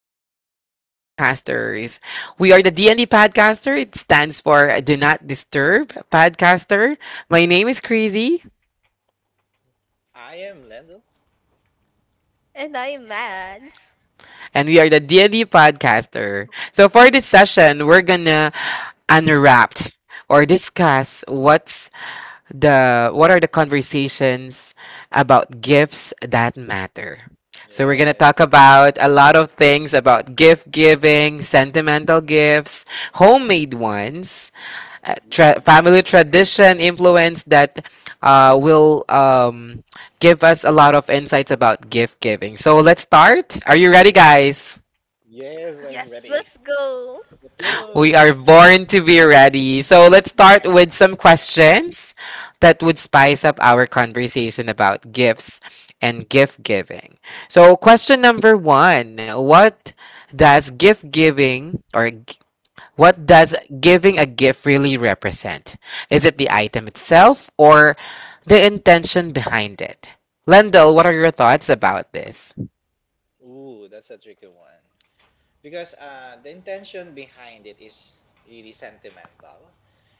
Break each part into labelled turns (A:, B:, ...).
A: D&D podcasters. We are the D&D podcaster. It stands for Do Not Disturb podcaster. My name is Crazy
B: I am Lendl.
C: And I'm Mads.
A: and we are the D&D podcaster. So for this session, we're gonna unwrap or discuss what are the conversations about gifts that matter. So we're gonna talk
B: Yes.
A: about a lot of things about gift giving, sentimental gifts, homemade ones,
B: Ooh.
A: family tradition influence that will give us a lot of insights about gift giving. So let's start. Are you ready, guys?
B: Yes, I'm
C: Yes,
B: ready.
C: let's go.
B: Let's
A: We are
B: go.
A: born to be ready. So let's
B: Yeah.
A: start with some questions that would spice up our conversation about gifts and gift giving. So, question number one. Does gift giving or g- what does giving a gift really represent? Is it the item itself or the intention behind it? Lendl, what are your thoughts about this?
B: Ooh, that's a tricky one. Because the intention behind it is really sentimental.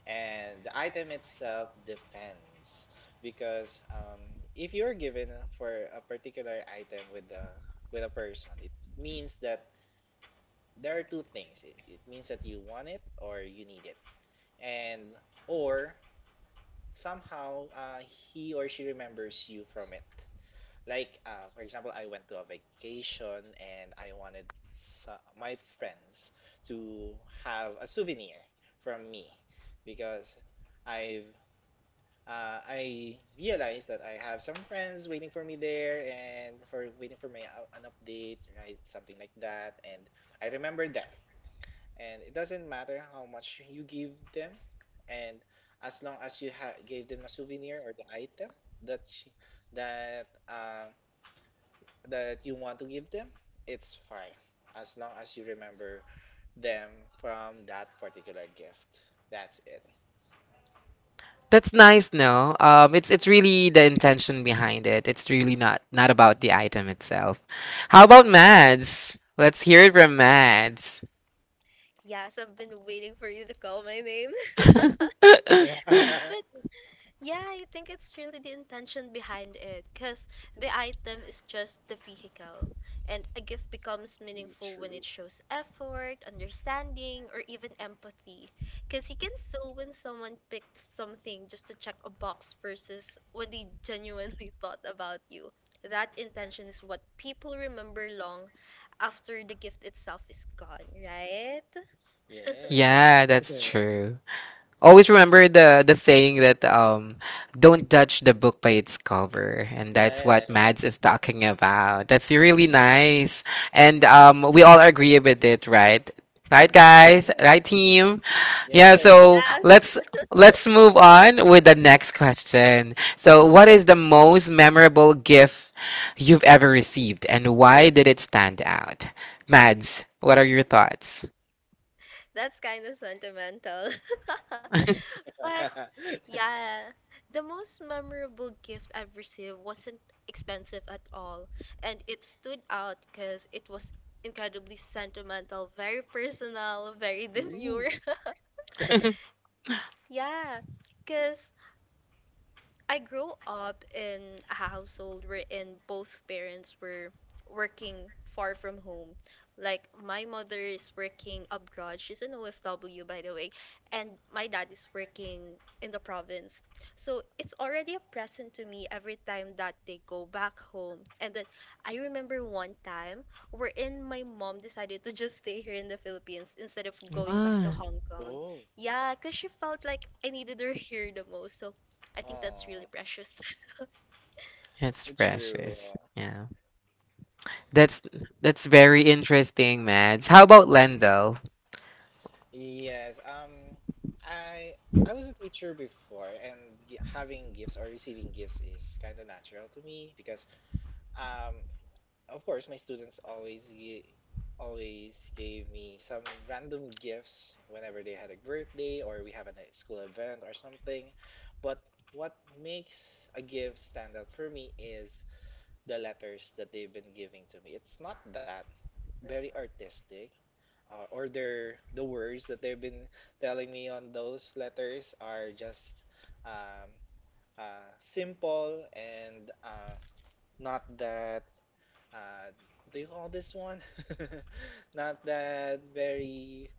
B: And the item itself depends. Because if you're given for a particular item with a person, it means that there are two things. It means that you want it or you need it. And or somehow he or she remembers you from it. Like for example, I went to a vacation and I wanted my friends to have a souvenir from me because I've I realized that I have some friends waiting for me there and for waiting for my an update, right? Something like that. And I remembered them, and it doesn't matter how much you give them, and as long as you gave them a souvenir or the item that sh- that that you want to give them, it's fine, as long as you remember them from that particular gift. That's it.
A: That's nice, no? It's really the intention behind it. It's really not about the item itself. How about Mads? Let's hear it from Mads.
C: Yes, I've been waiting for you to call my name.
B: Yeah, yeah.
C: But Yeah, I think it's really the intention behind it because the item is just the vehicle, and a gift becomes
B: Me
C: meaningful when it
B: true.
C: shows effort, understanding, or even empathy. Because you can feel when someone picked something just to check a box versus when they genuinely thought about you. That intention is what people remember long after the gift itself is gone, right?
B: Yes,
A: Yeah,
B: yes,
A: that's true.
B: that's,
A: Always remember the saying that don't judge the book by its cover, and that's what Mads
B: yes,
A: is talking about. That's really
B: true.
A: nice. And we all agree with it, right? Right,
C: Yeah.
A: guys? Right, team? Yeah,
B: Yes.
A: so
C: Yeah,
A: let's move on with the next question. So, what is the most memorable gift you've ever received and why did it stand out? Mads, what are your thoughts?
C: that's kind of sentimental. But Yeah, the most memorable gift I've received wasn't expensive at all, and it stood out because it was incredibly sentimental, very personal, very demure. Yeah, because I grew up in a household wherein both parents were working far from home. Like my mother is working abroad. She's an OFW, by the way, and my dad is working in the province. So it's already a present to me every time that they go back home. And then I remember one time wherein my mom decided to just stay here in the Philippines instead of going back to
A: Ah,
C: Hong Kong.
B: Oh.
C: Yeah, because she felt like I needed her here the most. So I think that's really
B: Oh,
C: precious.
A: that's
B: true.
A: precious. Yeah. That's that's very interesting, Mads. How about Lendl?
B: Yes. I was a teacher before, and having gifts or receiving gifts is kind of natural to me because, um, of course, my students always always gave me some random gifts whenever they had a birthday or we have a school event or something. But what makes a gift stand out for me is the letters that they've been giving to me. It's not that very artistic, or their the words that they've been telling me on those letters are just um, simple and not that uh, what do you call this one? Not that very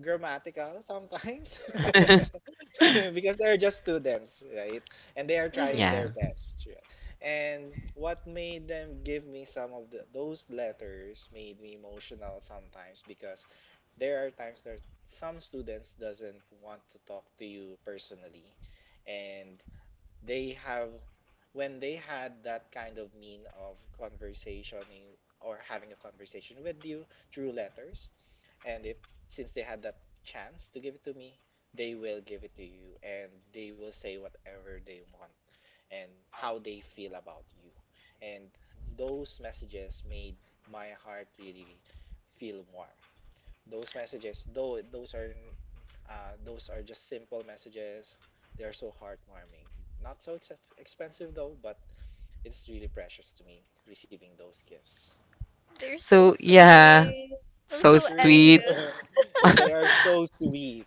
B: grammatical sometimes. Because they're just students, right? And they are trying their
A: Yeah.
C: Mm,
B: best. Yeah. And what made them give me some of the, those letters made me emotional sometimes because there are times that some students doesn't want to talk to you personally, and they have when they had that kind of mean of conversation or having a conversation with you through letters, and if since they had that chance to give it to me, they will give it to you and they will say whatever they want and how they feel about you. And those messages made my heart really feel warm. Those messages, though those are just simple messages. They are so heartwarming. Not so expensive though, but it's really precious to me receiving those gifts.
C: they're so
A: So, yeah,
C: sweet. I'm
A: so
C: so
B: True.
A: sweet.
C: envious.
B: Yeah, they are so sweet.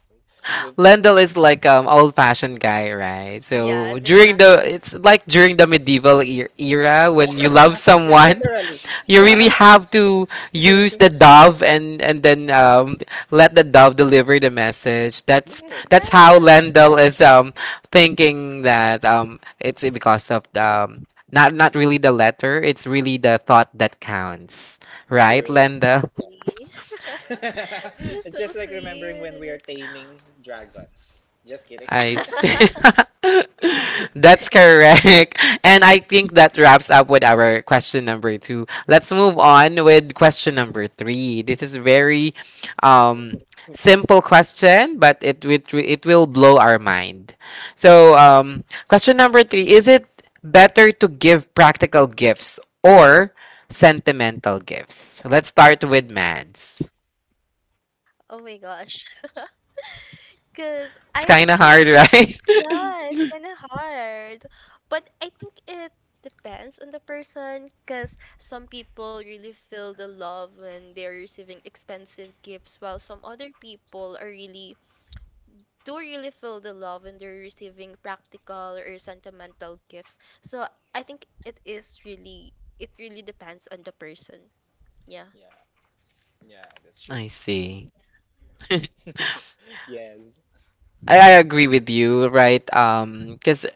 A: Lendl is like old-fashioned guy, right? So
C: Yes,
A: during the
C: exactly.
A: it's like during the medieval e era when
B: Yeah.
A: you love
B: Like
A: someone,
B: literally.
A: you really have to use the dove and then let the dove deliver the message. That's
B: Yes.
A: how
C: Yeah.
A: Lendl is thinking that it's because of the not really the letter, it's really the thought that counts, right,
C: Yes,
B: True.
A: Lendl?
C: exactly.
B: Yes.
C: That's
B: It's
C: so
B: just like remembering when we are
C: sweet.
B: taming dragons. Just kidding.
A: I see. That's correct. And I think that wraps up with our question number two. Let's move on with question number three. This is very um, simple question, but it will blow our mind. So question number three: Is it better to give practical gifts or sentimental gifts? Let's start with Mads.
C: Oh my gosh. Because
A: It's
C: I
A: kind of hard,
C: think,
A: right?
C: yeah, it's kind of hard. But I think it depends on the person. Because some people really feel the love when they're receiving expensive gifts, while some other people are really do really feel the love when they're receiving practical or sentimental gifts. So I think it is really it really depends on the person. Yeah.
B: Yeah. Yeah, that's true.
A: I see.
B: Yes.
A: I agree with you, right? Because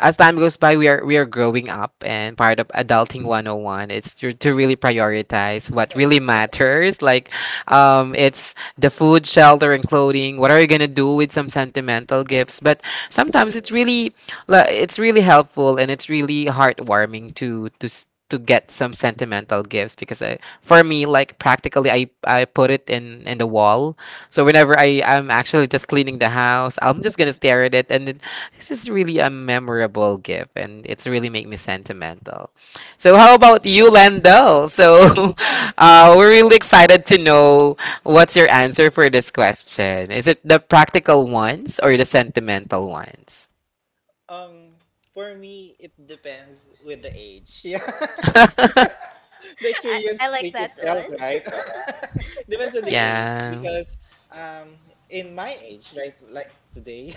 A: as time goes by, we are growing up, and part of adulting 101 is to really prioritize what really matters. Like, it's the food, shelter, and clothing. What are you gonna do with some sentimental gifts? But sometimes it's
B: True.
A: it's really helpful and it's really heartwarming to to get some sentimental gifts because for me like
B: Yes.
A: practically I put it in the wall so whenever I'm actually just cleaning the house I'm just gonna stare at it and this is really a memorable gift, and it's really make me sentimental. So, how about
B: Yeah.
A: you, Landel? So, we're really excited to know what's your answer for this question. Is it the practical ones or the sentimental ones?
B: Um, for me, it depends with the age. Yeah. The
C: I,
B: experience
C: I like
B: speak
C: that
B: itself,
C: one.
B: right? Depends on the age
A: yeah.
B: because um in my age, right, like today,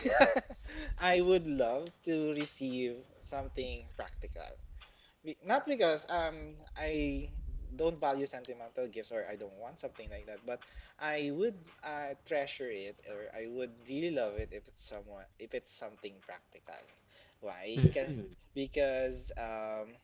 B: I would love to receive something practical. Not because I don't value sentimental gifts or I don't want something like that, but I would treasure it, or I would really love it if it's someone if it's something practical. Why? 'Cause—
A: Mhm.
B: because um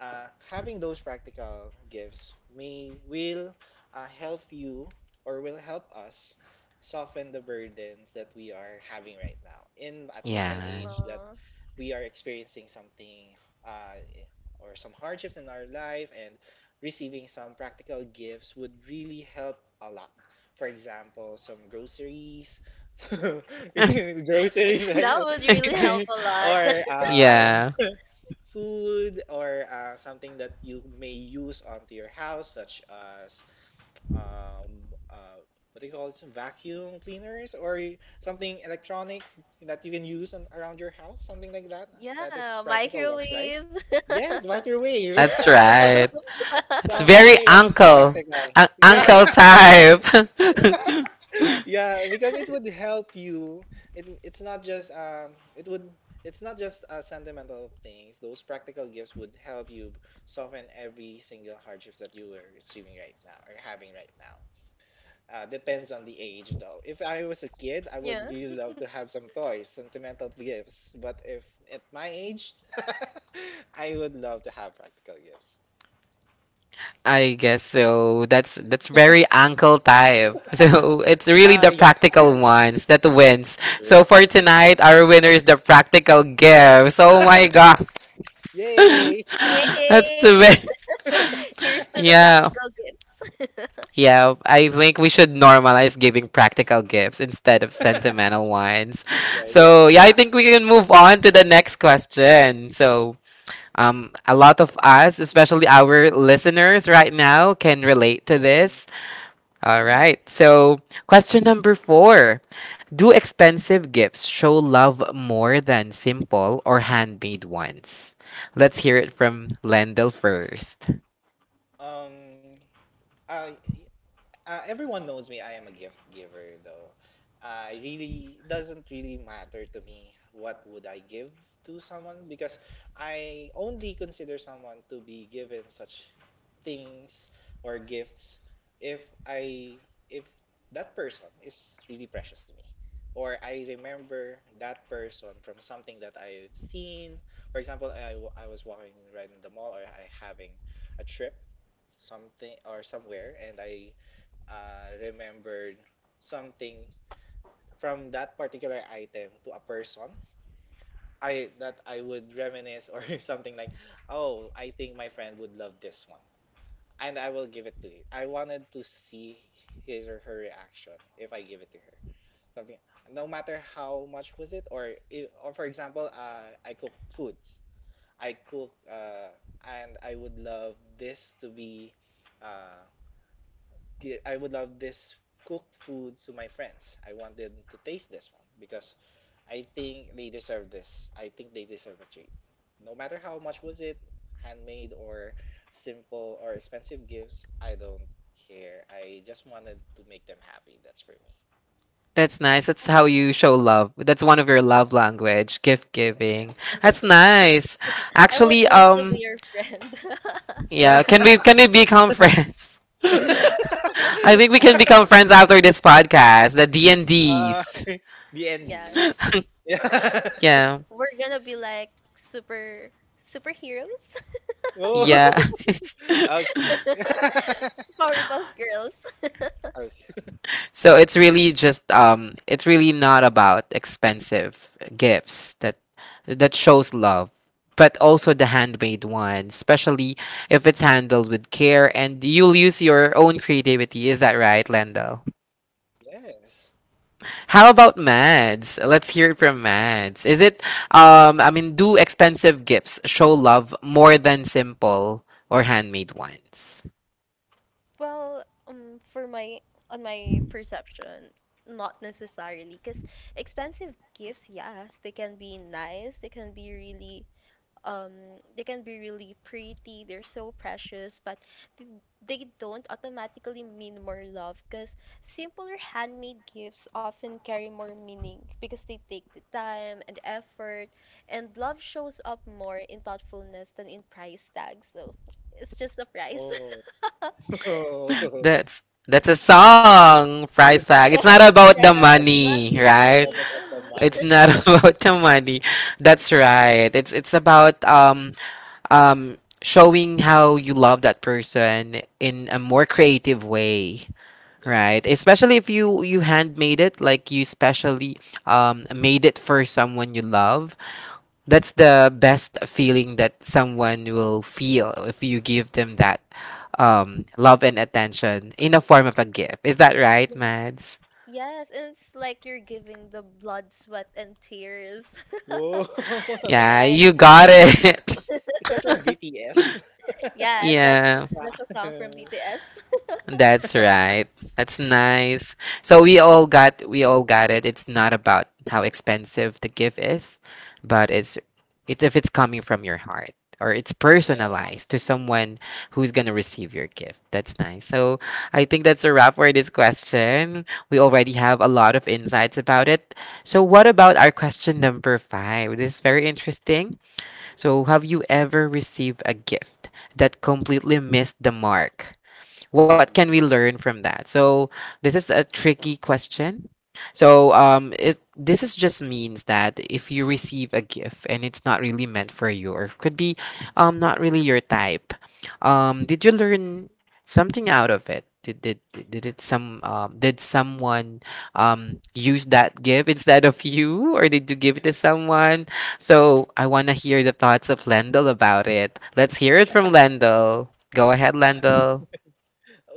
B: uh, having those practical gifts may will help you or will help us soften the burdens that we are having right now in at my
A: Yeah.
B: age that
C: Aw.
B: we are experiencing something uh, or some hardships in our life, and receiving some practical gifts would really help a lot. For example, some groceries groceries, right.
C: That would really help
B: Like
C: a lot.
B: or
A: yeah,
B: food or something that you may use onto your house, such as um, uh, what do you call it, some vacuum cleaners or something electronic that you can use on, around your house, something like that. That is
C: yeah,
B: practical ones, right?
C: microwave.
B: Yes, microwave.
A: that's
C: Brew.
A: right. It's
B: So I
A: very
B: think that's
A: uncle,
B: practical. Yeah.
C: yes.
A: uncle type.
B: Yeah, because it would help you. It's not just it would it's not just sentimental things. Those practical gifts would help you soften every single hardships that you were receiving right now or having right now. Depends on the age though. If I was a kid, I would
C: Yeah.
B: really love to have some toys, sentimental gifts, but if at my age I would love to have practical gifts.
A: I guess so. That's very uncle type. So it's really the
B: Yeah.
A: practical ones that wins. So
B: Sure.
A: for tonight, our winner is the practical gifts. Oh my god,
B: Yay.
A: that's a
C: Yay!
A: bit.
C: Here's to the
A: Yeah.
C: practical gifts.
A: Yeah, I think we should normalize giving practical gifts instead of sentimental ones.
B: Yeah, yeah,
A: So,
B: like
A: yeah, I
B: half.
A: think we can move on to the next question. So, a lot of us, especially our listeners right now, can relate to
B: Yes.
A: this. All
B: Ooh.
A: right. So, question number four. Do expensive gifts show love more than simple or handmade ones? Let's hear
B: Oh.
A: it from Lendl first.
B: Um, I everyone knows me. I am a gift giver, though. It really doesn't really matter to me what would I give to someone, because I only consider someone to be given such things or gifts if I if that person is really precious to me, or I remember that person from something that I've seen. For example, I was walking right in the mall or I having a trip something or somewhere, and I remembered something from that particular item to a person I that I would reminisce, or something like, oh, I think my friend would love this one, and I will give it to it. I wanted to see his or her reaction if I give it to her something, no matter how much was it. Or for example, I cook foods. I cook And I would love this to be uh, I would love this cooked food to my friends. I want them to taste this one because I think they deserve this. I think they deserve a treat. No matter how much was it, handmade or simple or expensive gifts, I don't care. I just wanted to make them happy. That's for me.
A: That's nice. That's
B: Mm.
A: how you show love. That's one of your
B: Yeah.
A: love language, gift
C: Yeah.
A: giving. That's nice.
C: I would
A: Actually,
C: love to be your friend.
A: yeah, can we become friends? I think we can become friends after this podcast, the
B: Uh,
A: D&Ds.
B: the
C: yeah.
B: NDs. Yeah.
A: Yeah.
C: We're gonna be like super superheroes,
B: Oh.
A: Yeah.
B: Okay.
C: Powerpuff Girls.
B: Okay.
A: So it's really just it's really not about expensive gifts that shows love, but also
B: Yes.
A: the handmade one, especially if it's handled with care and you'll use your own creativity. Is that right, Lendl?
B: Yes.
A: How about Mads? Let's hear it from Mads. Is it I mean do expensive gifts show love more than simple or handmade ones?
C: Well, for my on my perception, not necessarily, cause expensive gifts, yes, they can be nice, they can be really um they can be really pretty, they're so precious, but th- they don't automatically mean more love, because simpler handmade gifts often carry more meaning because they take the time and effort, and love shows up more in thoughtfulness than in price tags. So it's just a price.
B: Oh.
A: That's that's a song, price tag. It's not about the
C: right.
B: Yeah.
A: money,
C: Money,
B: It's
A: right?
B: not
C: money,
B: about the
C: money.
A: It's
B: money.
A: not about the money. That's right. It's it's about um showing how you love that person in a more creative way, right?
B: Yes.
A: Especially if you handmade it, like you specially made it for someone you love. That's the best feeling that someone will feel if you give them that love and attention in a form of a gift. Is that right,
C: Yeah.
A: Mads?
C: Yes, and it's like you're giving the blood, sweat, and tears.
B: Whoa.
A: Yeah,
C: right.
A: you got it.
B: Is that from BTS?
C: Yes,
A: Yeah,
C: that's a song from BTS.
A: that's right. That's nice. So we all got it. It's not about how expensive the gift is, but it's if it's coming from your heart or it's
B: Yes.
A: personalized to
C: Exactly.
A: someone who's gonna receive your gift. That's nice. So I think that's a wrap for this question. We already have a lot of insights about it. So what about our question number five? This is very interesting. So have you ever received a gift that completely missed the mark? What can we
B: Ooh.
A: learn from that? So this is a tricky question. So it this is just means that if you receive a gift and it's not really meant for you, or could be not really your type, did you learn something out of it? Did it some did someone use that gift instead of you, or did you give it to someone? So I want to hear the thoughts of Lendl about it. Let's hear it from Lendl. Go ahead, Lendl.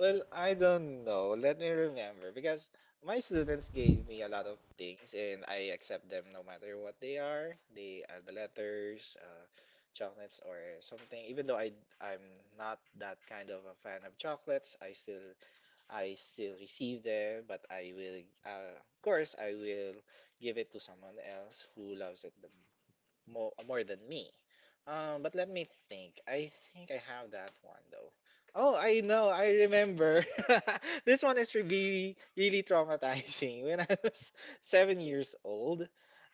B: Well, I don't know. Let me remember because my students gave me a lot of things and I accept them no matter what they are. They are the letters, chocolates or something. Even though I'm not that kind of a fan of chocolates, I still receive them, but I will, of course, I will give it to someone else who loves it the more than me. But let me think. I think I have that one though. Oh, I know. I remember. This one is really traumatizing. When I was 7 years old,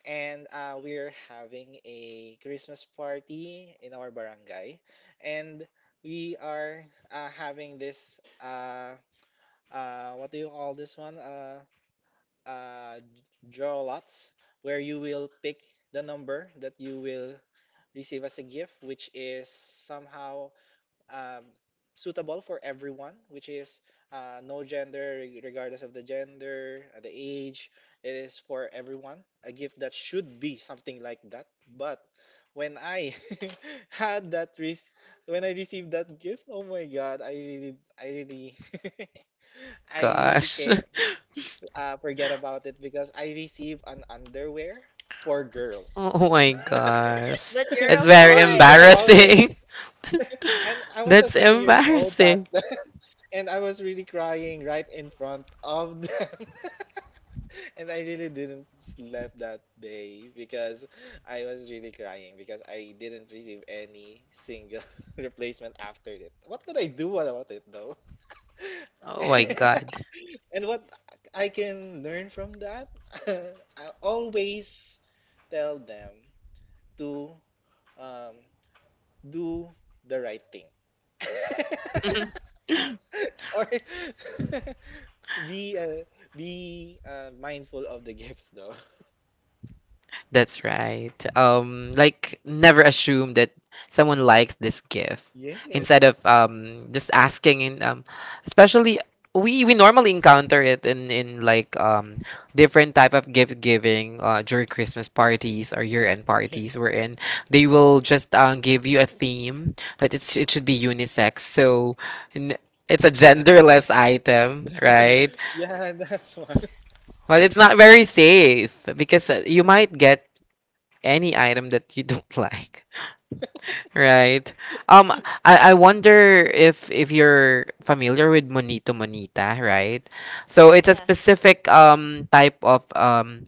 B: and we're having a Christmas party in our barangay, and we are having this. What do you call this one? Uh, Draw lots, where you will pick the number that you will receive as a gift, which is somehow um, suitable for everyone, which is no gender, regardless of the gender, the age. It is for everyone. A gift that should be something like that. But when I had that risk, when I received that gift, oh my god, I really, I really
A: Gosh.
B: can forget about it, because I received an underwear for girls.
A: Oh my gosh.
C: But you're
A: It's
C: a
B: What
A: very
B: will I do
C: boy.
B: about it?
A: embarrassing.
B: And I was a
A: That's
B: 7 years old that,
A: embarrassing.
B: and I was really crying right in front of them, and I really didn't sleep that day because I was really crying because I didn't receive any single replacement after it. What could I do about it though?
A: Oh my god.
B: And what I can learn from that, I always tell them to um, do the right thing or be uh, be mindful of the gifts though.
A: That's right. Like never assume that someone likes this gift.
B: Yes, yes.
A: Instead of just asking and especially we normally encounter it in like different type of gift giving during Christmas parties or year-end parties wherein they will just give you a theme that it should be unisex. So n it's a
B: Yeah,
A: genderless item, right?
B: yeah, that's one.
A: Well, it's not very safe because you might get any item that you don't like, right? Um, I wonder if you're familiar with monito monita, right? So it's a
C: Yeah.
A: specific type of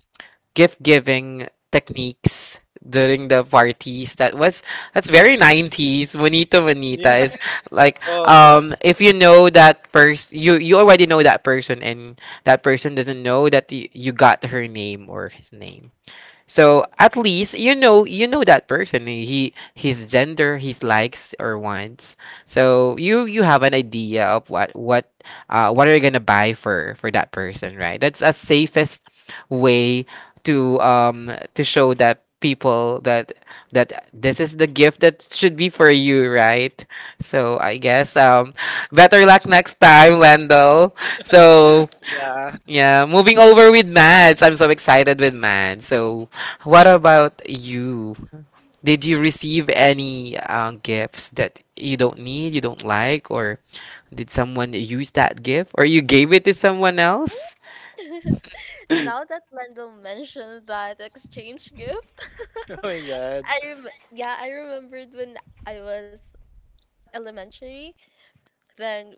A: gift giving techniques during the parties that's very 90s. Monito
B: Yeah.
A: monita is like
B: Oh yeah.
A: if you know that person you already know that person and that person doesn't know that you got her name or his name so
B: Yes,
A: at least you know that person. He his gender, his likes or wants. So you have an idea of what are you gonna buy for that person, right? That's a safest way to show that people that this is the gift that should be for you, right? So I
B: yes.
A: guess better luck next time, Lendl. So
B: Yeah.
A: yeah, moving over with Mads. I'm so excited with Mads. So, what about you? Did you receive any gifts that you don't need, you don't like, or did someone use that gift, or you gave it to someone else?
C: Mm. Now that Mendel mentioned that exchange gift,
B: Oh my god.
C: yeah, I remembered when I was elementary, then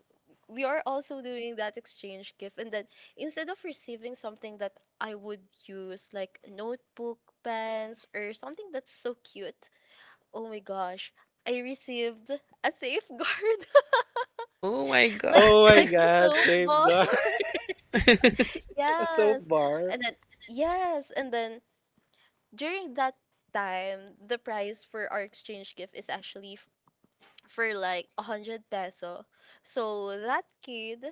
C: we are also doing that exchange gift, and then instead of receiving something that I would use like notebook, pens, or something that's so cute, oh my gosh, I received a safeguard.
A: Oh my god.
C: like
B: Oh my
C: like the
B: god,
C: soap bar.
B: safeguard. A soap
C: yes.
B: bar.
C: And then yes, and then during that time, the price for our exchange gift is actually for like a hundred peso. So that kid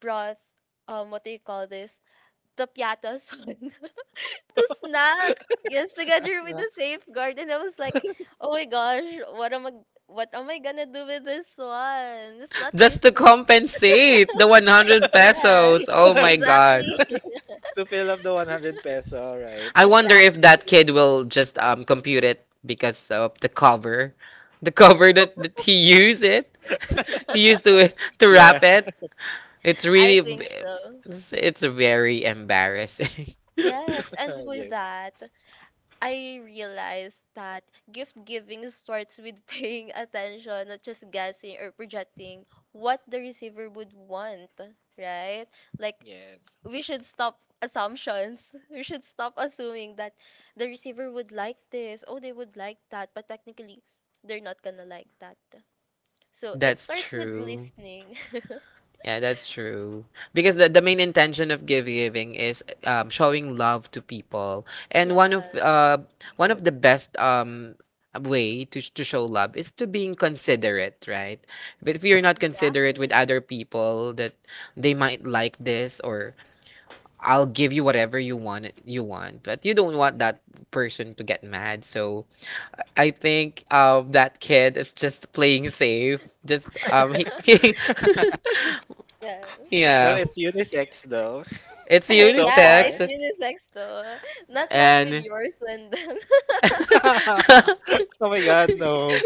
C: brought what do you call this? The piatas one. The snack. Yes,
B: A
C: together with
B: snack.
C: the safeguard. And I was like, oh my gosh, what am I, what am I gonna do with this one? It's not
A: Just to
C: useful.
A: compensate the 100
C: Yes,
A: pesos. Oh my god.
C: exactly.
B: To fill up the 100 peso, right.
A: I wonder if that
C: Exactly.
A: kid will just compute it because of the cover, the cover that he used it, he used to it to
B: Yeah.
A: wrap it. It's
C: I think so.
A: it's very embarrassing.
C: Yes, and with
B: Yes,
C: that, I realized that gift giving starts with paying attention, not just guessing or projecting what the receiver would want, right? Like,
B: yes,
C: we should stop assumptions. We should stop assuming that the receiver would like this, oh, they would like that, but technically, they're not gonna like that. So, it
A: That's
C: starts with
A: true.
C: listening.
A: Yeah, that's true. Because the main intention of give giving is showing love to people. And
C: yeah,
A: one
B: yes.
A: of the best way to to show love is to being considerate, right? But if you're not considerate with
C: exactly.
A: other people that they might like this or I'll give you whatever you want, but you don't want that person to get mad. So I think that kid is just playing safe. Just he
C: Yes.
B: Well,
A: yeah.
B: it's unisex though,
A: It's
B: so
C: yeah,
B: far.
C: it's
A: unisex
C: unisex though. Not like with
A: and
C: yours, Lyndon.
B: Oh my God, no.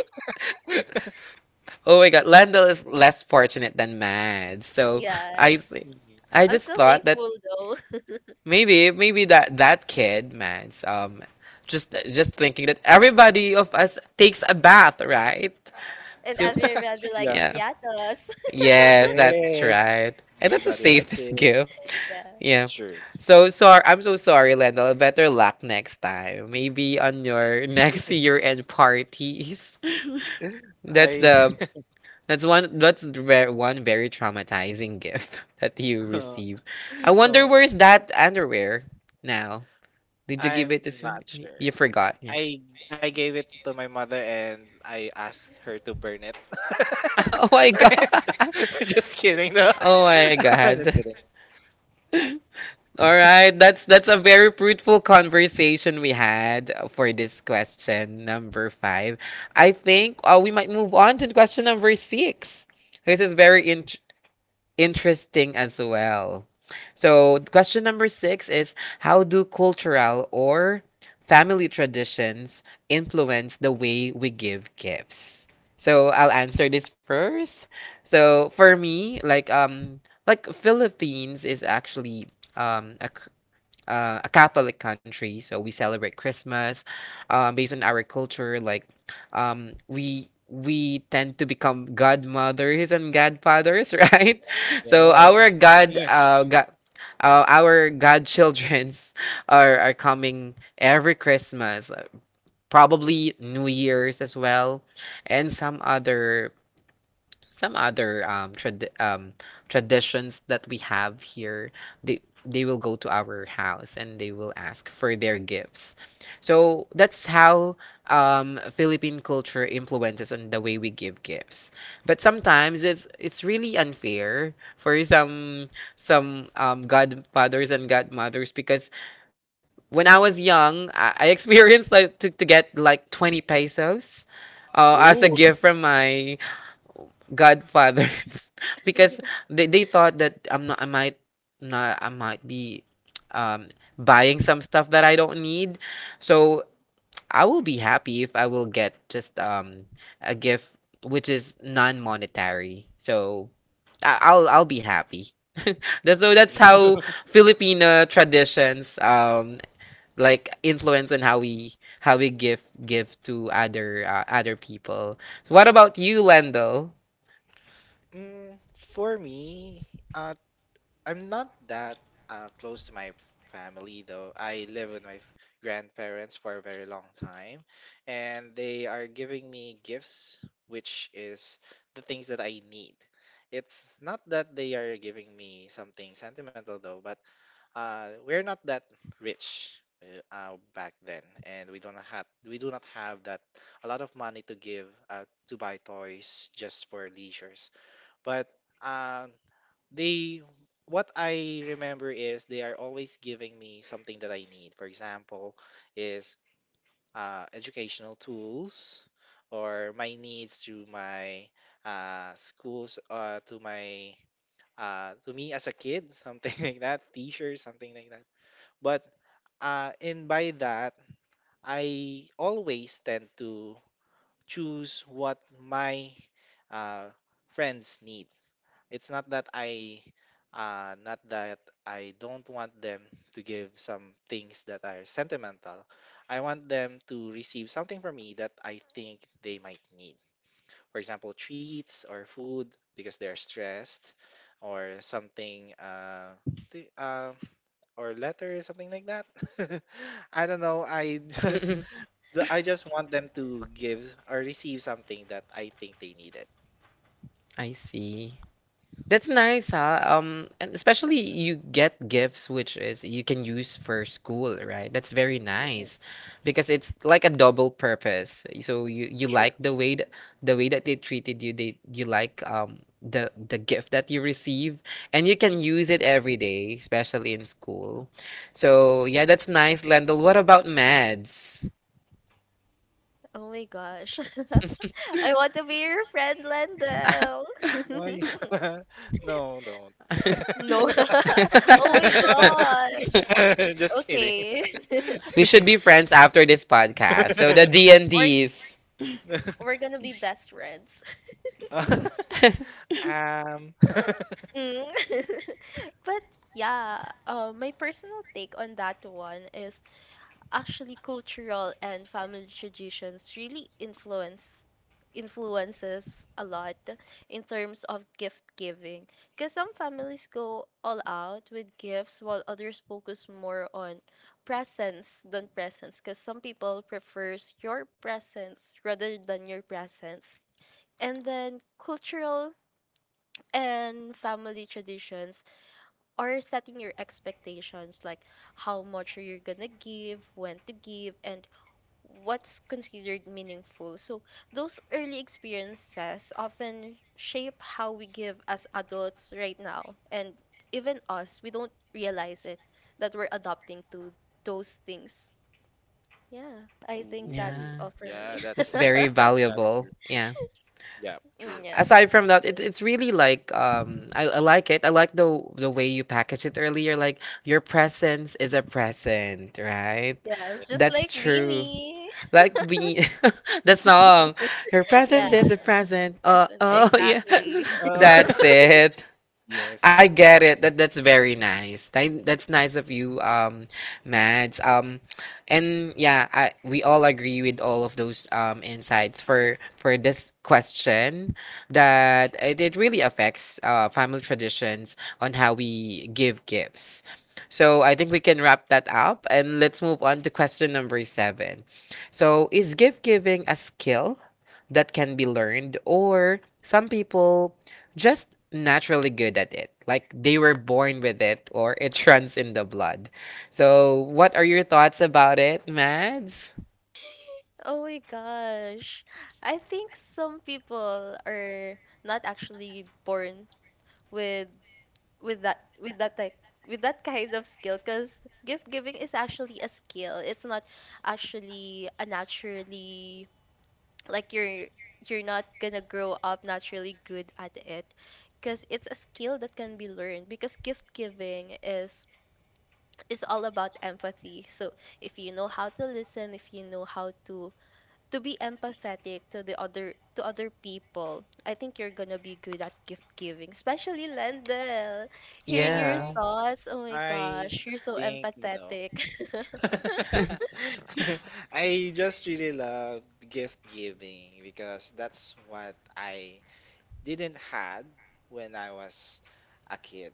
A: Oh my god, Landel is less fortunate than Mads. So I
C: yes.
A: thi-
B: Mhm.
A: I
C: I'm
A: just
C: still
A: thought that
C: thankful though.
A: maybe that that kid, Mads, just thinking that everybody of us takes a bath, right?
C: And
A: Do-
C: everybody
B: Yeah.
C: likes
A: Yeah.
C: piatas.
A: Yes, that's
B: Yes.
A: right. And that's the
B: Everybody likes
A: safest
B: it.
A: gift.
C: yeah.
A: Yeah.
B: Sure.
A: So sorry, I'm so sorry, Leno. Better luck next time. Maybe on your next year-end parties. That's
B: I.
A: the that's one one very traumatizing gift that you
B: Uh,
A: receive. I wonder
B: oh,
A: where's that underwear now? Did you give
B: I'm
A: it to some?
B: not sure.
A: You
B: I,
A: forgot. Yeah.
B: I I gave it to my mother and I asked her to burn it.
A: Oh my god.
B: Just kidding, no.
A: Oh my
B: Just
A: god.
B: kidding.
A: All right, that's a very fruitful conversation we had for this question number five. I think we might move on to question number six. This is very interesting as well. So, question number six is how do cultural or family traditions influence the way we give gifts? So, I'll answer this first. So, for me, like Philippines is actually a Catholic country, so we celebrate Christmas. Based on our culture, like we tend to become godmothers and godfathers, right? So
B: Yes. Yeah.
A: our godchildrens are coming every Christmas, probably New Year's as well, and some other traditions that we have here. They will go to our house and they will ask for their gifts, so that's how Philippine culture influences on the way we give gifts. But sometimes it's really unfair for some godfathers and godmothers because when I was young, I experienced like to get like 20 pesos as a
B: Oh.
A: gift from my Godfathers because they thought that I'm not I might not I might be um buying some stuff that I don't need. So I will be happy if I will get just a gift which is non-monetary. So, I'll be happy. That's how Filipino traditions influence on how we give to other other people. So what about you, Lendl?
B: Mm, for me, uh, I'm not that close to my family though. I live with my grandparents for a very long time, and they are giving me gifts, which is the things that I need. It's not that they are giving me something sentimental though, but we're not that rich back then, and we do not have that a lot of money to give to buy toys just for leisures. But uh they what I remember is they are always giving me something that I need. For example, is educational tools, or my needs to my schools, to my to me as a kid, something like that, t-shirts, something like that. But and by that, I always tend to choose what my uh, friends need. It's not that uh, not that I don't want them to give some things that are sentimental. I want them to receive something from me that I think they might need. For example, treats or food because they're stressed, or something, th- uh, or letters, something like that. I don't know. I just I just want them to give or receive something that I think they needed.
A: I see. That's nice, huh? And especially you get gifts which is you can use for school, right? That's very nice
B: Yes.
A: because it's like a double purpose. So you
B: Sure.
A: like the way the way that they treated you. They you like the gift that you receive, and you can
B: You—
A: use it every day, especially in school. So yeah, that's nice, Lendl. What about Mads?
C: Oh my gosh. I want to be your friend, Lendel.
B: Why? No, don't.
C: no. oh my god.
B: Just kidding.
C: Okay.
A: We should be friends after this podcast. So
C: yeah.
A: the D and
C: We're
A: Ds.
C: we're gonna be best friends.
B: Um.
C: Mm. But yeah, my personal take on that one is actually cultural and family traditions really influences a lot in terms of gift giving, because some families go all out with gifts, while others focus more on presents than presents, because some people prefers your presence rather than your presence. And then cultural and family traditions are setting your expectations, like how much are you gonna give, when to give, and what's considered meaningful. So, those early experiences often shape how we give as adults right now. And even us, we don't realize it that we're adopting to those things. Yeah, I think
B: Ooh.
C: that's
A: Yeah,
C: all for me.
B: Yeah, that's
A: that's
B: it.
A: very
B: That's
A: valuable.
B: true.
A: Yeah.
B: Yeah, true.
C: Mm, yeah.
A: Aside from that, it's really like I like it. I like the way you packaged it earlier. Like your presence is a present, right?
C: Yeah, it's just
A: That's
C: like
A: true.
C: Beanie.
A: Like we, the song, your
B: Yeah.
C: yeah,
A: presence is a present. Oh,
C: present.
B: Yeah.
A: oh yeah,
C: Exactly.
B: Uh,
A: that's it. I
B: yes.
A: get it. That's very nice. That's nice of you, Mads. And yeah, I we all agree with all of those insights for this question, that it really affects family traditions on how we give gifts. So I think we can wrap that up and let's move on to question number seven. So is gift giving a skill that can be learned, or some people just naturally good at it? Like they were born with it, or it runs in the blood. So, what are your thoughts about it, Mads?
C: Oh my gosh. I think some people are not actually born with with that like with that kind of skill, because gift giving is actually a skill. It's not actually a naturally like you're not gonna grow up naturally good at it, because it's a skill that can be learned, because gift giving is all about empathy. So if you know how to listen, if you know how to be empathetic to the other to other people, I think you're gonna be good at gift giving, especially Lendel. Hearing your
A: Yeah.
B: Oh,
C: thoughts, oh my
B: I
C: gosh, you're so
B: think no.
C: empathetic.
A: mm,
B: I just really love gift giving because that's what I didn't had when I was a kid.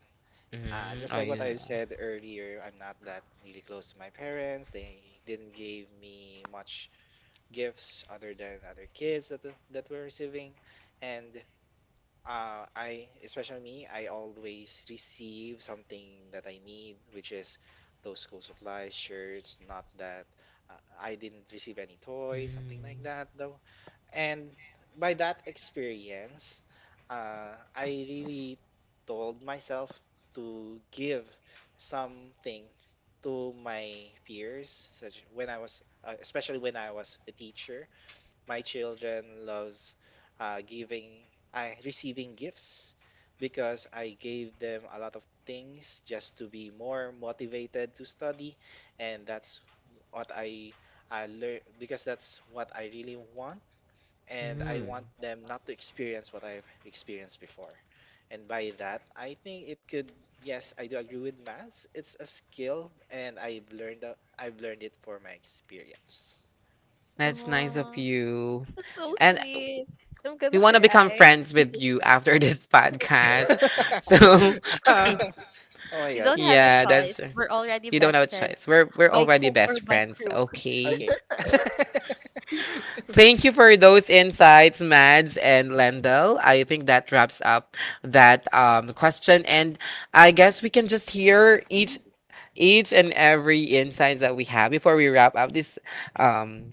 B: Just
A: Oh,
B: like what
A: yeah.
B: I've said earlier, I'm not that really close to my parents. They didn't give me much gifts other than other kids that were receiving, and I, especially me, I always receive something that I need, which is those school supplies, shirts, not that I didn't receive any toy, something like
A: Mm,
B: that, though. And by that experience, I really told myself to give something to my peers, such when I was, especially when I was a teacher, my children loves uh, giving, I receiving gifts because I gave them a lot of things just to be more motivated to study, and that's what I learn because that's what I really want, and I
A: mm.
B: want them not to experience what I've experienced before. And by that, I think it could, yes, I do agree with maths. It's a skill, and I've learned it for my experience.
A: That's nice of
C: oh,
A: you.
C: that's so
A: And
B: Yes.
C: sweet. I'm
A: we
C: gonna
A: want to become
C: cry.
A: friends with you after this podcast. So,
B: Oh my
C: You
B: god.
C: don't have a
A: yeah, that's
C: choice. We're
A: you
C: already
A: don't have a
C: best friends
A: choice. We're
C: by
A: already
C: hook or
A: best
C: by
A: friends,
C: crook.
A: okay?
B: Okay.
A: Thank you for those insights, Mads and Lendl. I think that wraps up that question, and I guess we can just hear each and every insights that we have before we wrap up this um,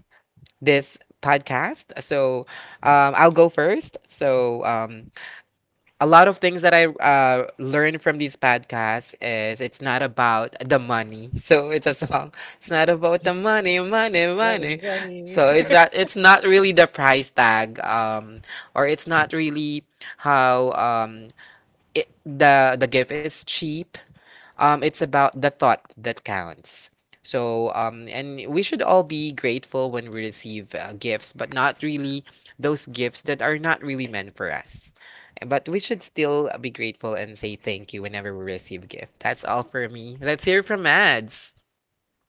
A: this podcast. So I'll go first. So a lot of things that I learned from these podcasts is it's not about the money. So it's a song. It's not about the money, money, money.
B: Money, money.
A: So it's not really the price tag, or it's not really how the gift is cheap. It's about the thought that counts. So, and we should all be grateful when we receive gifts, but not really those gifts that are not really meant for us. But we should still be grateful and say thank you whenever we receive gift. That's all for me. Let's hear from Mads.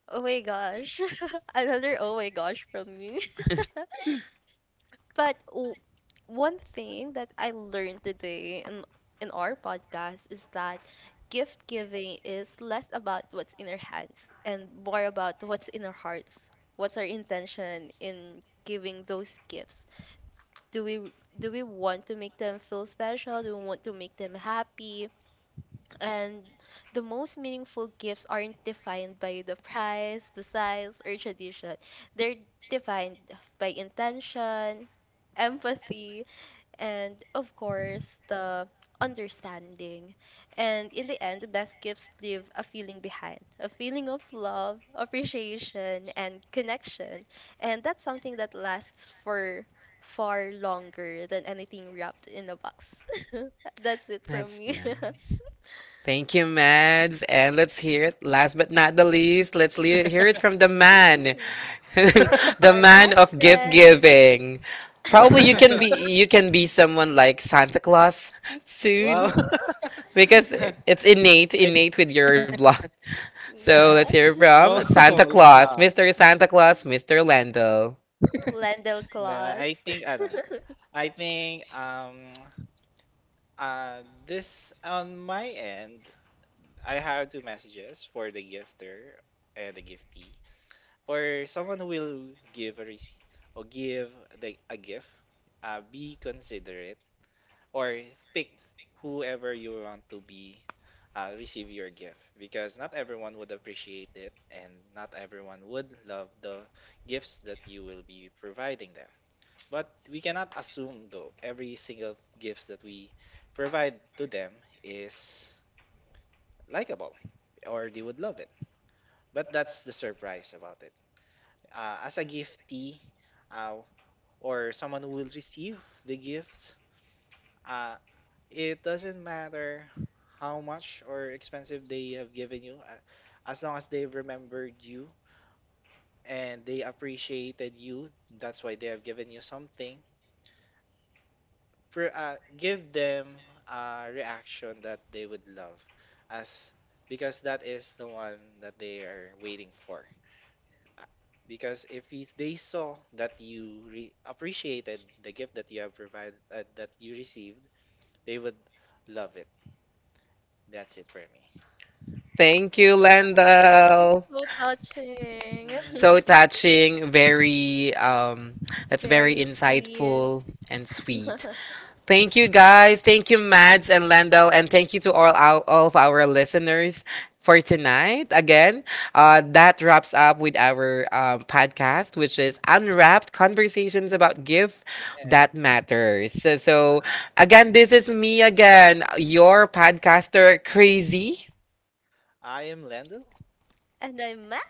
C: Oh my gosh. Another oh my gosh from me. But one thing that I learned today in our podcast is that gift giving is less about what's in our hands and more about what's in our hearts. What's our intention in giving those gifts? Do we want to make them feel special? Do we want to make them happy? And the most meaningful gifts aren't defined by the price, the size, or tradition. They're defined by intention, empathy, and of course, the understanding. And in the end, the best gifts leave a feeling behind, a feeling of love, appreciation, and connection. And that's something that lasts for far longer than anything wrapped in a box. That's it from
A: That's
C: me.
A: nice. Thank you, Mads. And let's hear it. Last but not the least, let's hear it from the man the
C: Our
A: man
C: best
A: of gift
C: friend.
A: giving. Probably you
B: Uh,
A: can be someone like Santa Claus
B: wow.
A: soon because it's
B: I
A: innate with your blood. So let's
C: yeah,
A: hear from
B: no,
A: Santa
B: it's
A: Claus,
B: not.
A: Mr. Santa Claus, Mr. Landell.
C: Lendel
B: No, I
C: Claus.
B: think ano, I think this on my end, I have two messages for the gifter and the giftee. For someone who will give a rece- give the a gift, be considerate or pick whoever you want to be receive your gift, because not everyone would appreciate it and not everyone would love the gifts that you will be providing them. But we cannot assume though every single gifts that we provide to them is likable or they would love it. But that's the surprise about it. As a giftee, uh, or someone who will receive the gifts, uh, it doesn't matter how much or expensive they have given you, as long as they've remembered you and they appreciated you, that's why they have given you something. For give them a reaction that they would love, as because that is the one that they are waiting for. Uh, Because if they saw that you appreciated the gift that you have provided, that you received, they would love it. That's it for me.
A: Thank you,
C: Wow,
A: Landell.
C: so touching.
B: Mm,
A: So touching, very that's very
C: Very sweet.
A: insightful and sweet. Thank you guys. Thank you, Mads and Landel, and thank you to all all of our listeners for tonight. Again, that wraps up with our podcast, which is Unwrapped Conversations about Gift That
B: yes.
A: Matters. So,
B: Uh,
A: again, this is me again, your podcaster, Crazy,
B: I am Landon.
C: And I'm Matt.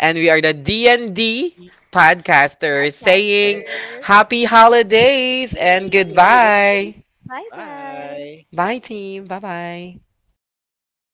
A: and we are the D&D podcasters
B: Yeah.
A: saying
C: Podcasters,
A: happy holidays and
B: Happy
C: please.
B: holidays.
A: goodbye.
C: Bye bye.
B: Bye.
A: Bye, team. Bye bye.